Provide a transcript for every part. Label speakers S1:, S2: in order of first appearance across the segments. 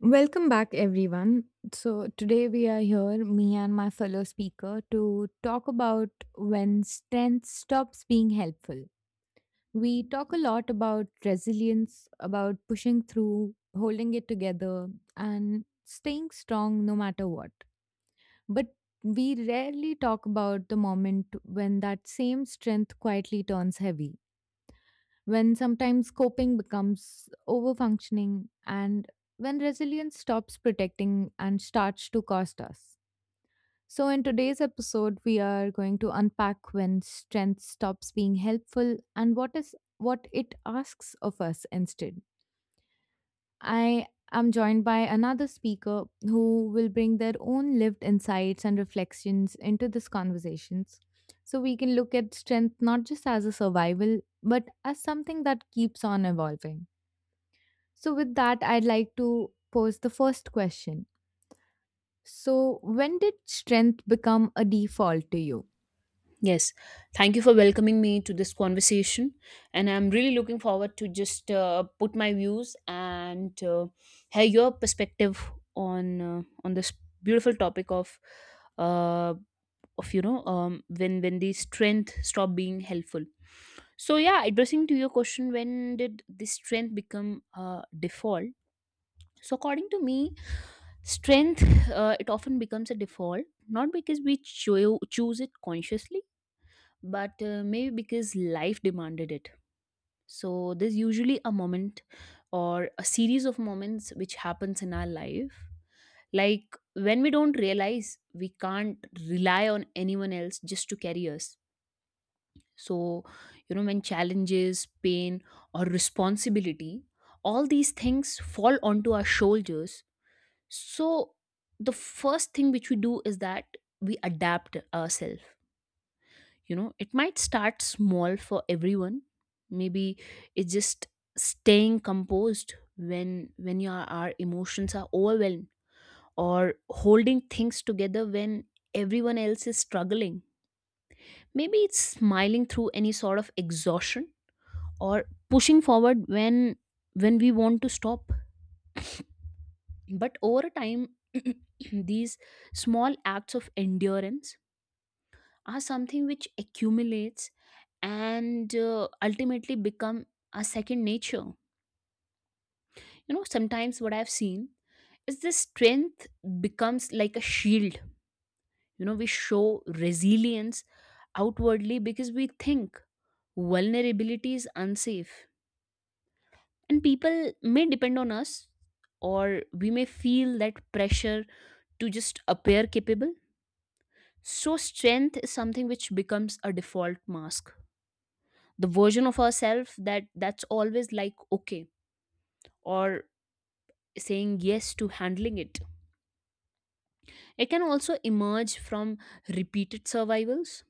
S1: Welcome back, everyone. So, today we are here, me and my fellow speaker, to talk about when strength stops being helpful. We talk a lot about resilience, about pushing through, holding it together, and staying strong no matter what. But we rarely talk about the moment when that same strength quietly turns heavy, when sometimes coping becomes over functioning, and when resilience stops protecting and starts to cost us. So, in today's episode, we are going to unpack when strength stops being helpful and what it asks of us instead. I am joined by another speaker who will bring their own lived insights and reflections into this conversations, so we can look at strength not just as a survival but as something that keeps on evolving. So, with that, I'd like to pose the first question. So, when did strength become a default to you?
S2: Yes, thank you for welcoming me to this conversation, and I'm really looking forward to just put my views and hear your perspective on this beautiful topic of uh, when the strength stop being helpful. So yeah, addressing to your question, when did this strength become default? So according to me, strength it often becomes a default not because we choose it consciously but maybe because life demanded it. So there's usually a moment or a series of moments which happens in our life, like when we don't realize we can't rely on anyone else just to carry us. So you know, when challenges, pain, or responsibility, all these things fall onto our shoulders. So the first thing which we do is that we adapt ourselves. You know, it might start small for everyone. Maybe it's just staying composed when when your our emotions are overwhelmed, or holding things together when everyone else is struggling. Maybe it's smiling through any sort of exhaustion, or pushing forward when we want to stop. But over a time, these small acts of endurance are something which accumulates and ultimately become a second nature. You know, sometimes what I've seen is this strength becomes like a shield. You know, we show resilience outwardly because we think vulnerability is unsafe and people may depend on us, or we may feel that pressure to just appear capable. So strength is something which becomes a default mask, the version of ourselves that's always like okay, or saying yes to handling it. It can also emerge from repeated survivals.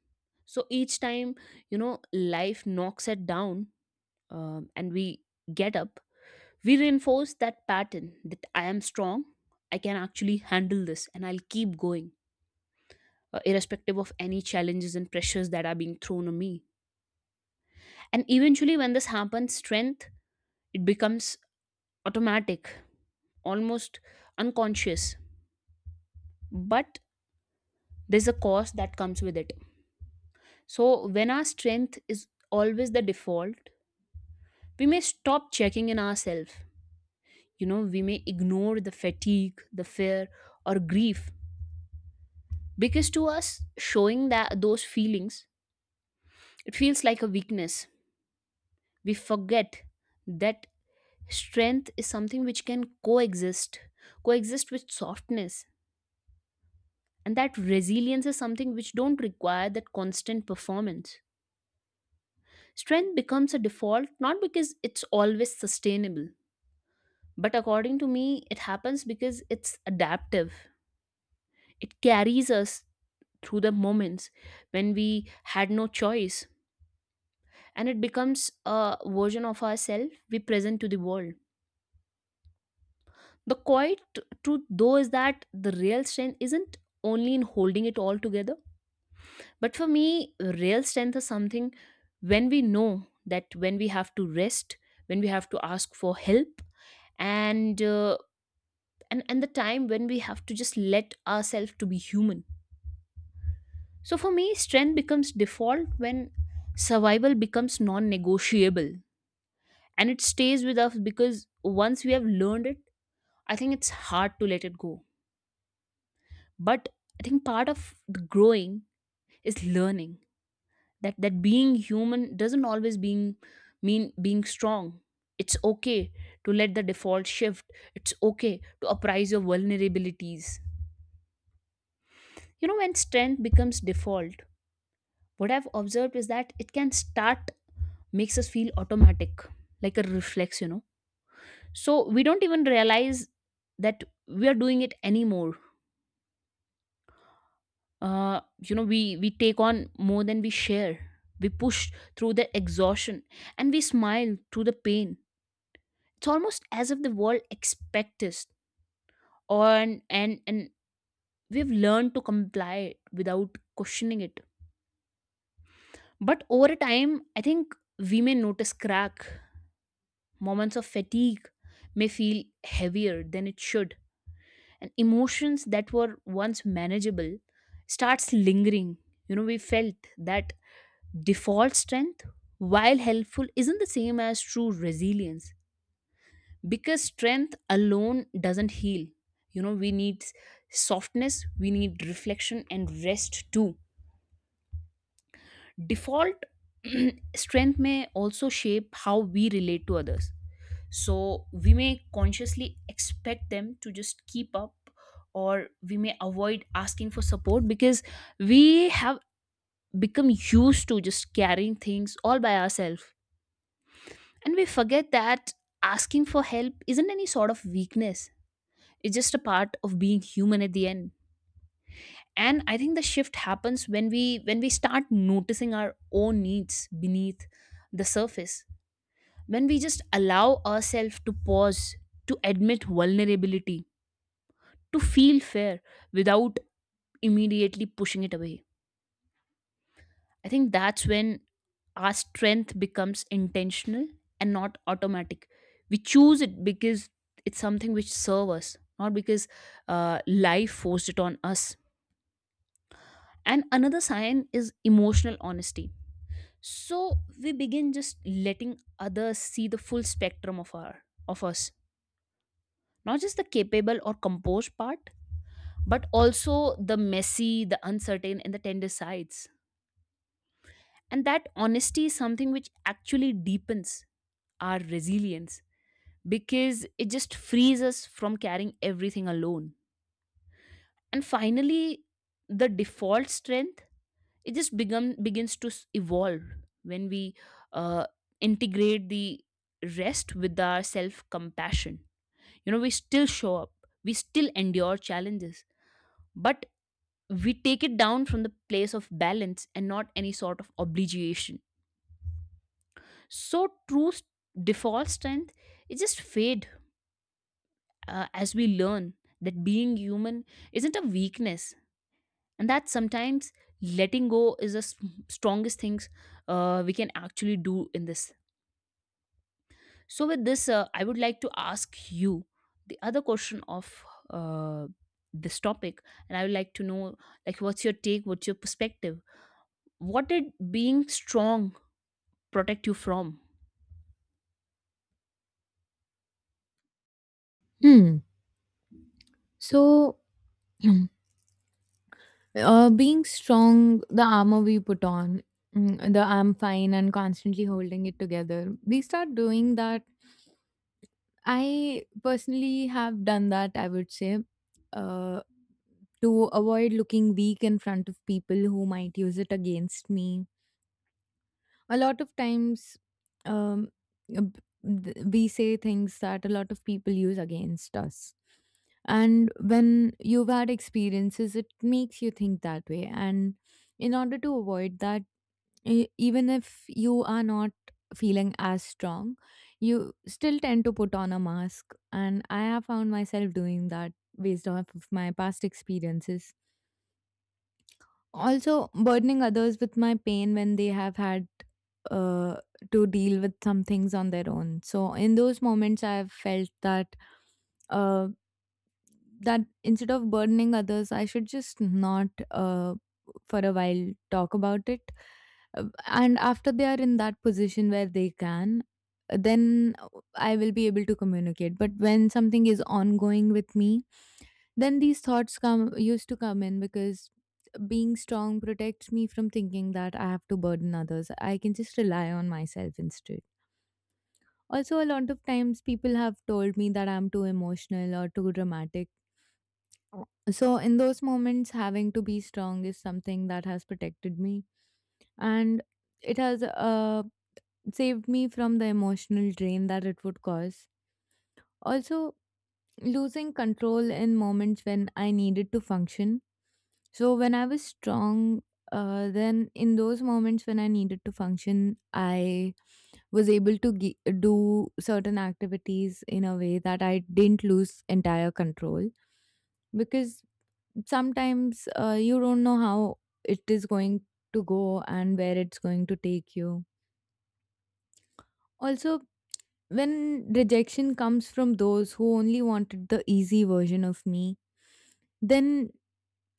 S2: So each time, you know, life knocks it down, and we get up, we reinforce that pattern that I am strong, I can actually handle this, and I'll keep going, irrespective of any challenges and pressures that are being thrown on me. And eventually, when this happens, strength, it becomes automatic, almost unconscious. But there's a cost that comes with it. So when our strength is always the default, we may stop checking in ourselves. You know, we may ignore the fatigue, the fear, or grief, because to us showing that those feelings, it feels like a weakness. We forget that strength is something which can coexist, coexist with softness, and that resilience is something which don't require that constant performance. Strength becomes a default not because it's always sustainable, but according to me, it happens because it's adaptive. It carries us through the moments when we had no choice, and it becomes a version of ourselves we present to the world. The quiet truth, though, is that the real strength isn't only in holding it all together, but for me, real strength is something when we know that when we have to rest, when we have to ask for help, and uh, and the time when we have to just let ourselves to be human. So for me strength becomes default when survival becomes non-negotiable, and it stays with us because once we have learned it, I think it's hard to let it go. But I think part of the growing is learning that being human doesn't always being mean being strong. It's okay to let the default shift, it's okay to appraise your vulnerabilities. You know, when strength becomes default, what I've observed is that it can start, makes us feel automatic, like a reflex, you know. So we don't even realize that we are doing it anymore. You know, we take on more than we share. We push through the exhaustion and we smile through the pain. It's almost as if the world expects us on, and we've learned to comply without questioning it. But over time, I think we may notice crack. Moments of fatigue may feel heavier than it should, and emotions that were once manageable starts lingering. You know, we felt that default strength, while helpful, isn't the same as true resilience because strength alone doesn't heal. You know, we need softness, we need reflection and rest too. Default strength may also shape how we relate to others. So we may consciously expect them to just keep up, or we may avoid asking for support because we have become used to just carrying things all by ourselves. And we forget that asking for help isn't any sort of weakness, it's just a part of being human at the end. And I think the shift happens when we start noticing our own needs beneath the surface, when we just allow ourselves to pause, to admit vulnerability, to feel fair without immediately pushing it away. I think that's when our strength becomes intentional and not automatic. We choose it because it's something which serves us, not because life forced it on us. And another sign is emotional honesty. So we begin just letting others see the full spectrum of our of us, not just the capable or composed part, but also the messy, the uncertain, and the tender sides. And that honesty is something which actually deepens our resilience because it just frees us from carrying everything alone. And finally, the default strength, it just become, begins to evolve when we uh, integrate the rest with our self compassion. You know, we still show up, we still endure challenges, but we take it down from the place of balance and not any sort of obligation. So true default strength, it just fade as we learn that being human isn't a weakness, and that sometimes letting go is the strongest things we can actually do in this. So with this, I would like to ask you the other question of this topic, and I would like to know, like, what's your take, what's your perspective, what did being strong protect you from?
S1: Hmm. So, being strong, the armor we put on, mm, the I'm fine and constantly holding it together, we start doing that. I personally have done that, I would say, uh, to avoid looking weak in front of people who might use it against me a lot of times, um, we say things that a lot of people use against us, and when you've had experiences it makes you think that way. And in order to avoid that, even if you are not feeling as strong, you still tend to put on a mask, and I have found myself doing that based off of my past experiences. Also, burdening others with my pain when they have had uh, to deal with some things on their own. So, in those moments, I've felt that uh, that instead of burdening others, I should just not, for a while, talk about it. And after they are in that position where they can, then I will be able to communicate. But when something is ongoing with me, then these thoughts come used to come in, because being strong protects me from thinking that I have to burden others. I can just rely on myself instead. Also, a lot of times people have told me that I'm too emotional or too dramatic. So, in those moments, having to be strong is something that has protected me, and it has saved me from the emotional drain that it would cause. Also, losing control in moments when I needed to function. So when I was strong, then in those moments when I needed to function, I was able to do certain activities in a way that I didn't lose entire control, because sometimes you don't know how it is going to go and where it's going to take you. Also, when rejection comes from those who only wanted the easy version of me, then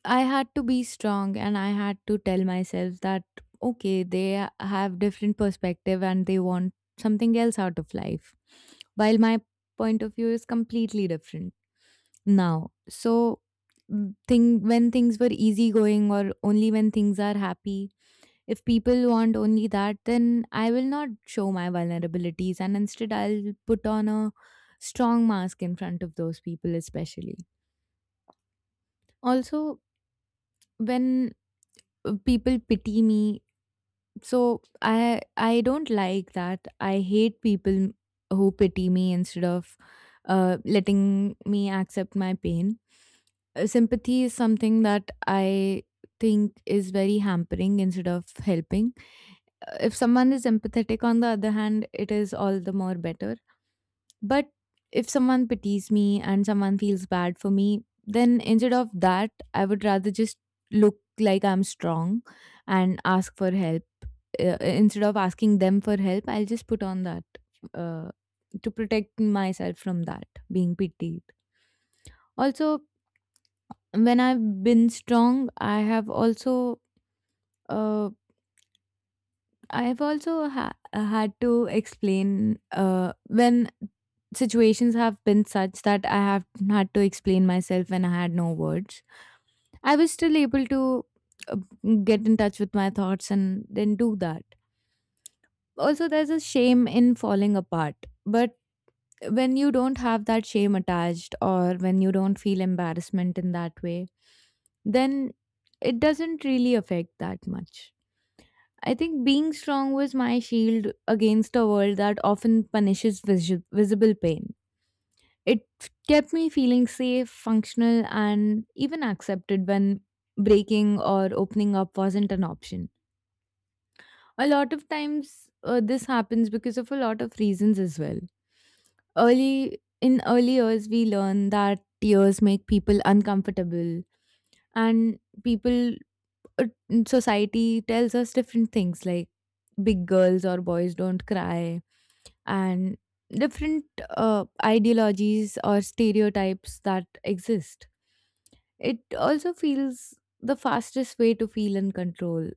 S1: I had to be strong and I had to tell myself that okay, they have different perspective and they want something else out of life, while my point of view is completely different now. So, mm, thing when things were easygoing or only when things are happy, if people want only that, then I will not show my vulnerabilities and instead I'll put on a strong mask in front of those people especially. Also, when people pity me. So I don't like that. I hate people who pity me instead of letting me accept my pain. Sympathy is something that I think is very hampering instead of helping. If someone is empathetic, on the other hand, it is all the more better. But if someone pities me and someone feels bad for me, then instead of that, I would rather just look like I'm strong and ask for help instead of asking them for help, I'll just put on that, uh, to protect myself from that being pitied. Also, when I've been strong, I have also, uh, had to explain when situations have been such that I have had to explain myself when I had no words. I was still able to uh, get in touch with my thoughts and then do that. Also, there's a shame in falling apart, but when you don't have that shame attached or when you don't feel embarrassment in that way, then it doesn't really affect that much. I think being strong was my shield against a world that often punishes visible pain. It kept me feeling safe, functional, and even accepted when breaking or opening up wasn't an option. A lot of times, this happens because of a lot of reasons as well. Early in early years, we learn that tears make people uncomfortable, and people uh, society tells us different things like big girls or boys don't cry, and different ideologies or stereotypes that exist. It also feels the fastest way to feel in control.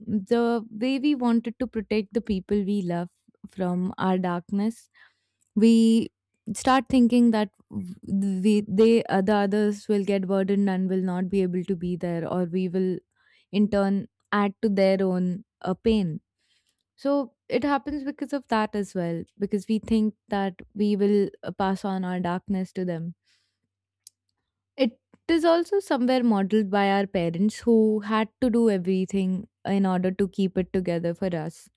S1: The way we wanted to protect the people we love from our darkness, we start thinking that w- we, they the others will get burdened and will not be able to be there, or we will in turn add to their own pain. So it happens because of that as well, because we think that we will pass on our darkness to them. It is also somewhere modeled by our parents who had to do everything in order to keep it together for us,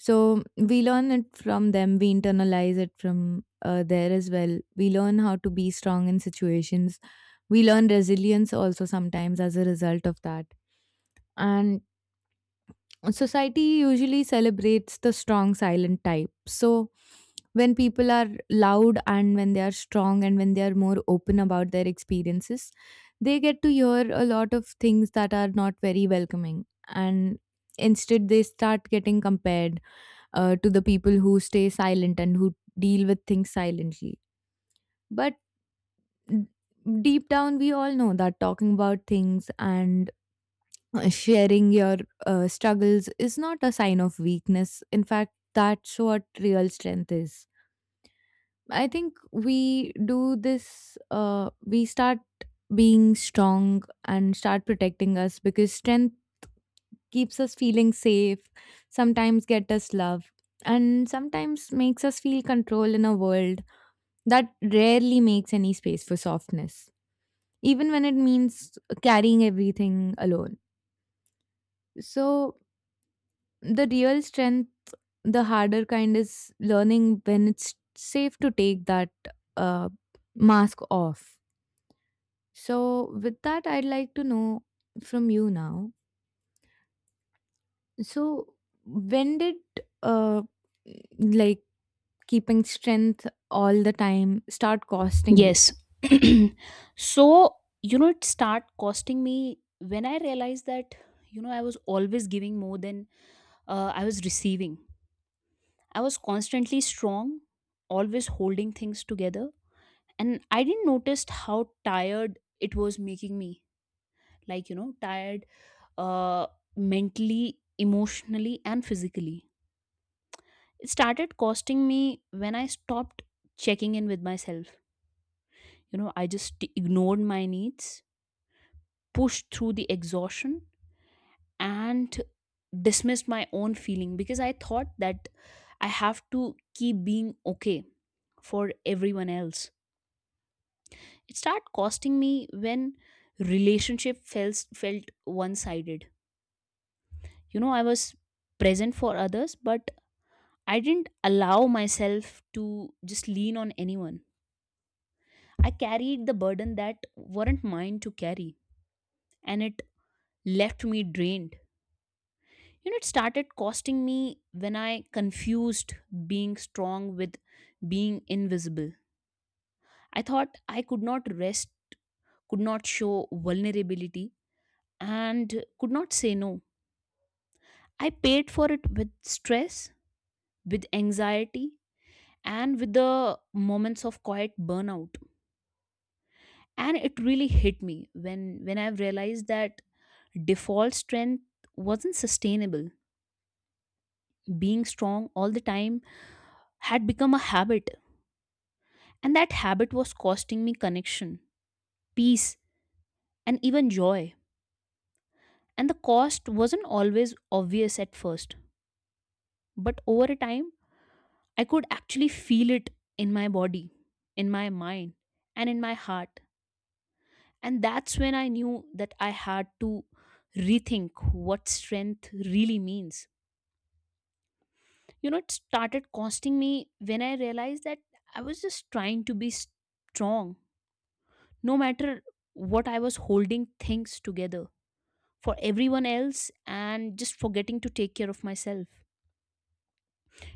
S1: so we learn it from them, we internalize it from there as well. We learn how to be strong in situations. We learn resilience also sometimes as a result of that. And society usually celebrates the strong, silent type. So when people are loud and when they are strong and when they are more open about their experiences, they get to hear a lot of things that are not very welcoming. And instead, they start getting compared to the people who stay silent and who deal with things silently. But n- deep down, we all know that talking about things and sharing your struggles is not a sign of weakness. In fact, that's what real strength is. I think we do this, we start being strong and start protecting us because strength keeps us feeling safe, sometimes get us love, and sometimes makes us feel control in a world that rarely makes any space for softness, even when it means carrying everything alone. So, the real strength, the harder kind, is learning when it's safe to take that, uh, mask off. So, with that, I'd like to know from you now. So, when did uh, like keeping strength all the time start costing you?
S2: Yes. So, you know, it start costing me when I realized that, you know, I was always giving more than I was receiving. I was constantly strong, always holding things together. And I didn't notice how tired it was making me. Like, you know, tired uh, mentally, emotionally, and physically. It started costing me when I stopped checking in with myself. You know, I just ignored my needs, pushed through the exhaustion and dismissed my own feeling because I thought that I have to keep being okay for everyone else. It started costing me when relationship felt one sided. You know, I was present for others, but I didn't allow myself to just lean on anyone. I carried the burden that weren't mine to carry, and it left me drained. You know, it started costing me when I confused being strong with being invisible. I thought I could not rest, could not show vulnerability, and could not say no. I paid for it with stress, with anxiety, and with the moments of quiet burnout. And it really hit me when I realized that default strength wasn't sustainable. Being strong all the time had become a habit. And that habit was costing me connection, peace, and even joy. And the cost wasn't always obvious at first, but over a time, I could actually feel it in my body, in my mind, and in my heart. And that's when I knew that I had to rethink what strength really means. You know, it started costing me when I realized that I was just trying to be strong, no matter what. I was holding things together for everyone else and just forgetting to take care of myself.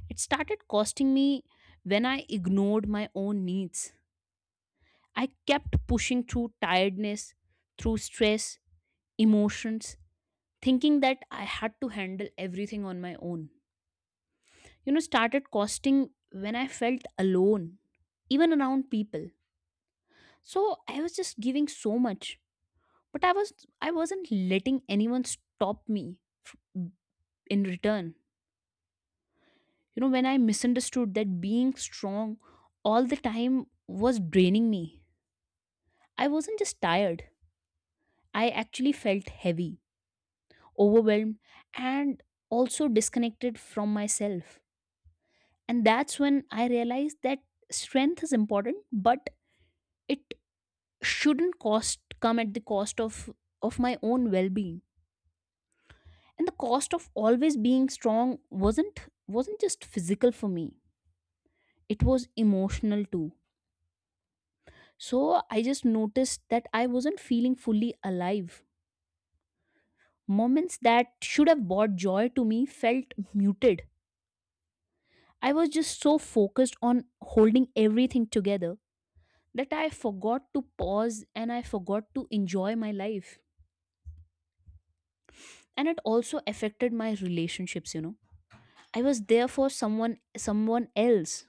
S2: It started costing me when I ignored my own needs. I kept pushing through tiredness, through stress, emotions, thinking that I had to handle everything on my own. You know, started costing when I felt alone, even around people. So I was just giving so much, but I wasn't letting anyone stop me in return. You know, when I misunderstood that being strong all the time was draining me, I wasn't just tired, I actually felt heavy, overwhelmed, and also disconnected from myself. And that's when I realized that strength is important, but it shouldn't cost, come at the cost of my own well-being. And the cost of always being strong wasn't just physical for me. It was emotional too. So I just noticed that I wasn't feeling fully alive. Moments that should have brought joy to me felt muted. I was just so focused on holding everything together that I forgot to pause and I forgot to enjoy my life. And it also affected my relationships, you know. I was there for someone else,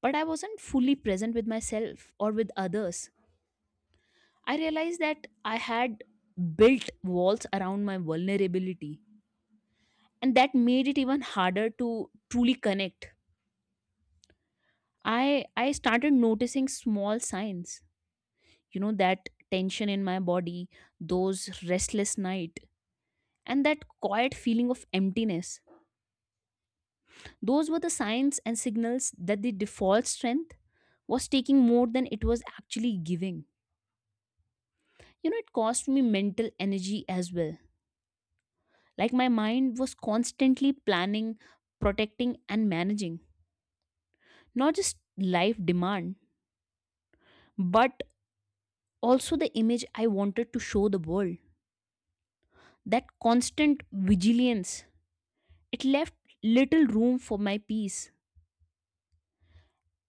S2: but I wasn't fully present with myself or with others. I realized that I had built walls around my vulnerability, and that made it even harder to truly connect. I started noticing small signs, you know, that tension in my body, those restless night, and that quiet feeling of emptiness. Those were the signs and signals that the default strength was taking more than it was actually giving. You know, it cost me mental energy as well. Like my mind was constantly planning, protecting, and managing, not just life demand, but also the image I wanted to show the world. That constant vigilance, it left little room for my peace.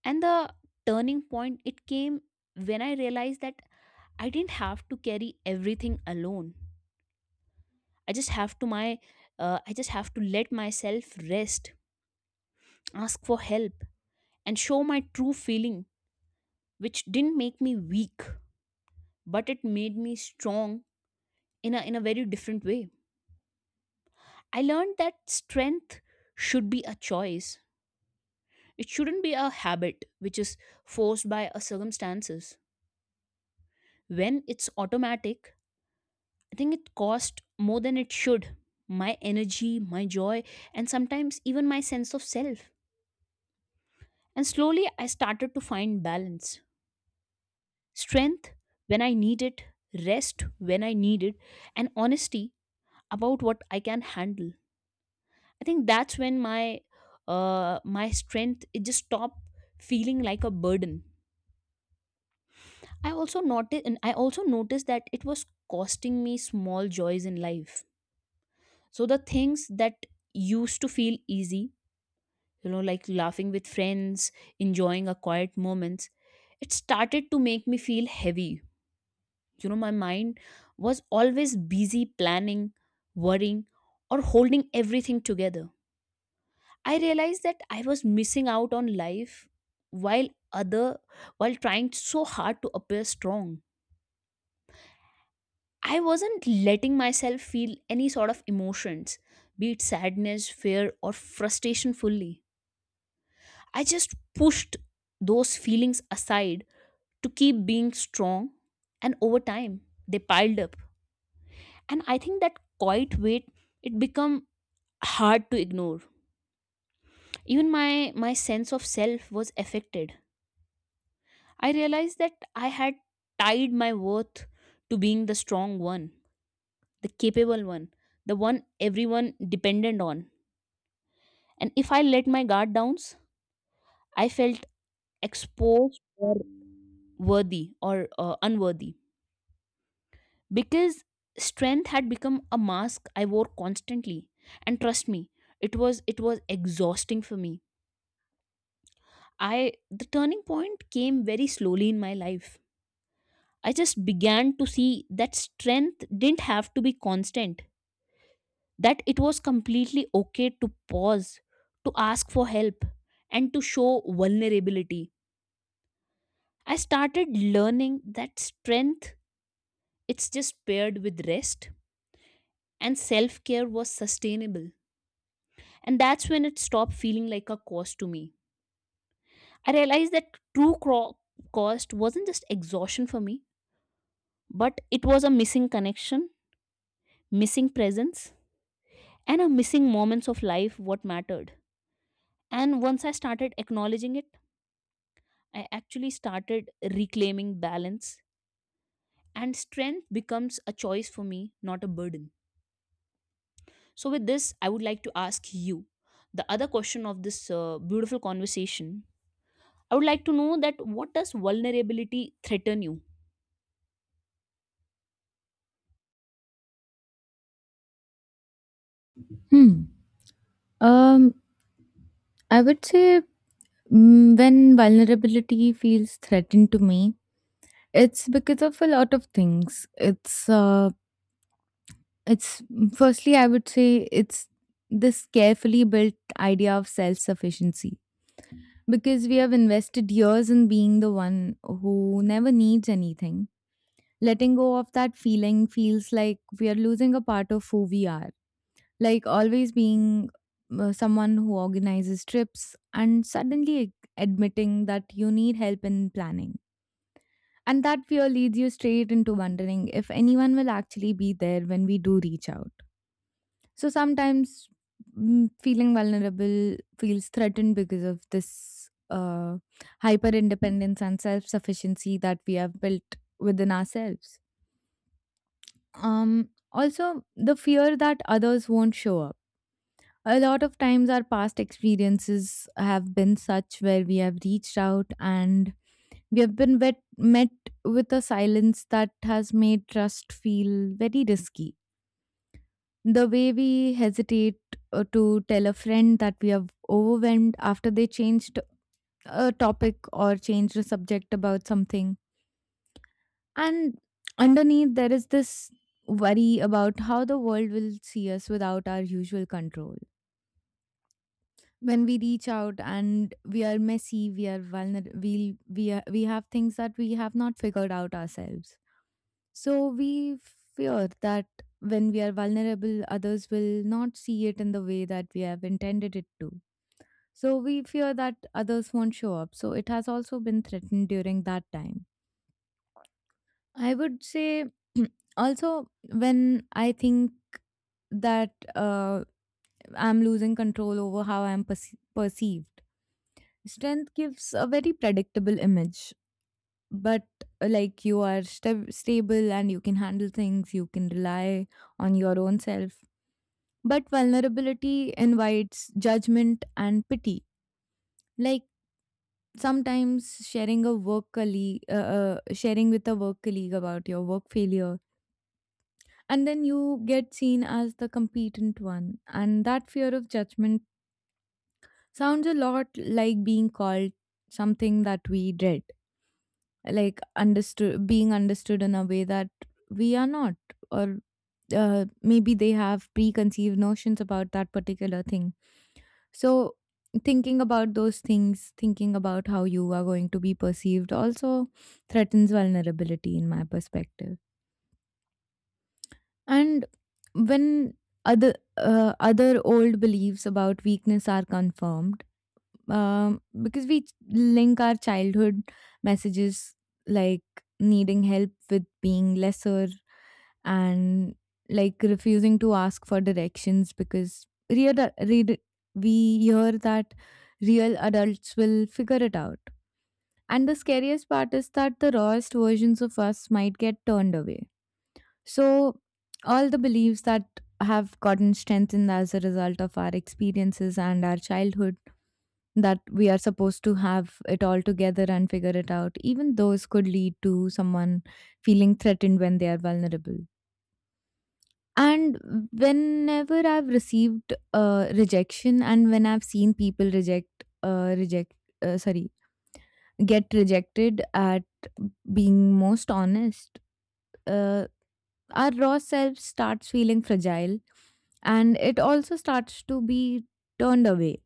S2: And the turning point, it came when I realized that I didn't have to carry everything alone. I just have to my, I just have to let myself rest, ask for help, and show my true feeling, which didn't make me weak, but it made me strong in a very different way. I learned that strength should be a choice. It shouldn't be a habit which is forced by a circumstances. When it's automatic, I think it cost more than it should. My energy, my joy, and sometimes even my sense of self. And slowly I started to find balance. Strength when I need it, rest when I need it, and honesty about what I can handle. I think that's when my strength it just stopped feeling like a burden. I also noticed that it was costing me small joys in life. So the things that used to feel easy, you know, like laughing with friends, enjoying a quiet moments, it started to make me feel heavy. You know, my mind was always busy planning, worrying, or holding everything together. I realized that I was missing out on life while other while trying so hard to appear strong. I wasn't letting myself feel any sort of emotions, be it sadness, fear, or frustration fully. I just pushed those feelings aside to keep being strong, and over time, they piled up. And I think that quiet weight, it became hard to ignore. Even my sense of self was affected. I realized that I had tied my worth to being the strong one, the capable one, the one everyone depended on. And if I let my guard down, I felt exposed, or worthy, or unworthy, because strength had become a mask I wore constantly. And trust me, it was exhausting for me. I The turning point came very slowly in my life. I just began to see that strength didn't have to be constant, that it was completely okay to pause, to ask for help, and to show vulnerability. I started learning that strength, it's just paired with rest and self-care was sustainable. And that's when it stopped feeling like a cost to me. I realized that cost wasn't just exhaustion for me, but it was a missing connection, missing presence, and a missing moments of life what mattered. And once I started acknowledging it, I actually started reclaiming balance, and strength becomes a choice for me, not a burden. So, with this, I would like to ask you the other question of this beautiful conversation. I would like to know that what does vulnerability threaten you?
S1: Hmm. Um, I would say, mm, when vulnerability feels threatened to me, it's because of a lot of things. It's Firstly, I would say it's this carefully built idea of self sufficiency, because we have invested years in being the one who never needs anything. Letting go of that feeling feels like we are losing a part of who we are. Like always being someone who organizes trips and suddenly admitting that you need help in planning. And that fear leads you straight into wondering if anyone will actually be there when we do reach out. So sometimes, mm, feeling vulnerable feels threatened because of this hyper independence and self sufficiency that we have built within ourselves. Also, the fear that others won't show up. A lot of times, our past experiences have been such where we have reached out and we have been met with a silence that has made trust feel very risky. The way we hesitate to tell a friend that we are overwhelmed after they changed a topic or changed a subject about something. And underneath, there is this worry about how the world will see us without our usual control. When we reach out and we are messy, we are vulnerable, we have things that we have not figured out ourselves. So we fear that when we are vulnerable, others will not see it in the way that we have intended it to. So we fear that others won't show up. So it has also been threatened during that time, I would say. Also, when I think that I'm losing control over how I'm perceived, strength gives a very predictable image. But like you are stable and you can handle things, you can rely on your own self. But vulnerability invites judgment and pity. Like sometimes sharing a work colleague, sharing with a work colleague about your work failure, and then you get seen as the competent one, and that fear of judgment sounds a lot like being called something that we dread, like understood being understood in a way that we are not, or maybe they have preconceived notions about that particular thing. So thinking about those things, thinking about how you are going to be perceived also threatens vulnerability in my perspective. And when other old beliefs about weakness are confirmed, because we link our childhood messages like needing help with being lesser, and like refusing to ask for directions because real read we hear that real adults will figure it out. And the scariest part is that the rawest versions of us might get turned away. So, all the beliefs that have gotten strengthened as a result of our experiences and our childhood, that we are supposed to have it all together and figure it out, even those could lead to someone feeling threatened when they are vulnerable. And whenever I've received rejection and when I've seen people uh, reject, sorry, get rejected at being most honest. Uh, our raw self starts feeling fragile, and it also starts to be turned away.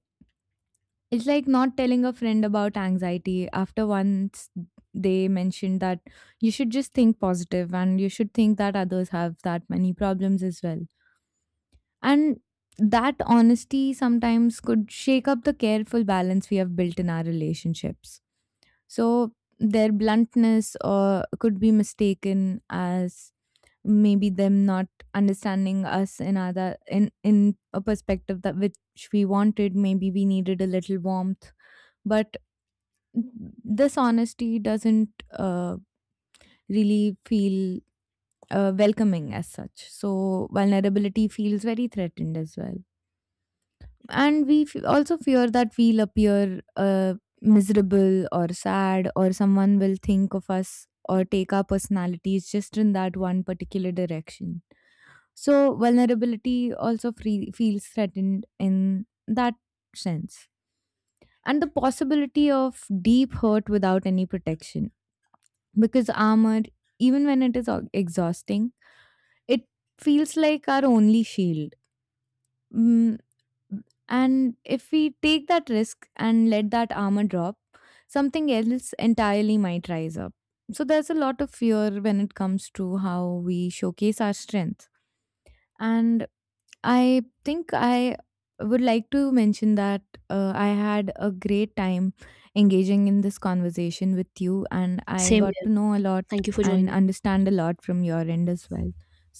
S1: It's like not telling a friend about anxiety after once they mentioned that you should just think positive and you should think that others have that many problems as well. And that honesty sometimes could shake up the careful balance we have built in our relationships. So their bluntness could be mistaken as maybe them not understanding us in other in a perspective that which we wanted, maybe we needed a little warmth, but this honesty doesn't really feel welcoming as such. So vulnerability feels very threatened as well, and we also fear that we'll appear miserable or sad, or someone will think of us or take our personalities just in that one particular direction. So vulnerability also feels threatened in that sense. And the possibility of deep hurt without any protection. Because armor, even when it is exhausting, it feels like our only shield. Mm, and if we take that risk and let that armor drop, something else entirely might rise up. So there's a lot of fear when it comes to how we showcase our strength. And I think I would like to mention that I had a great time engaging in this conversation with you, and I
S2: Same
S1: got
S2: here.
S1: to know a lot
S2: Thank you for
S1: and
S2: joining.
S1: understand a lot from your end as well.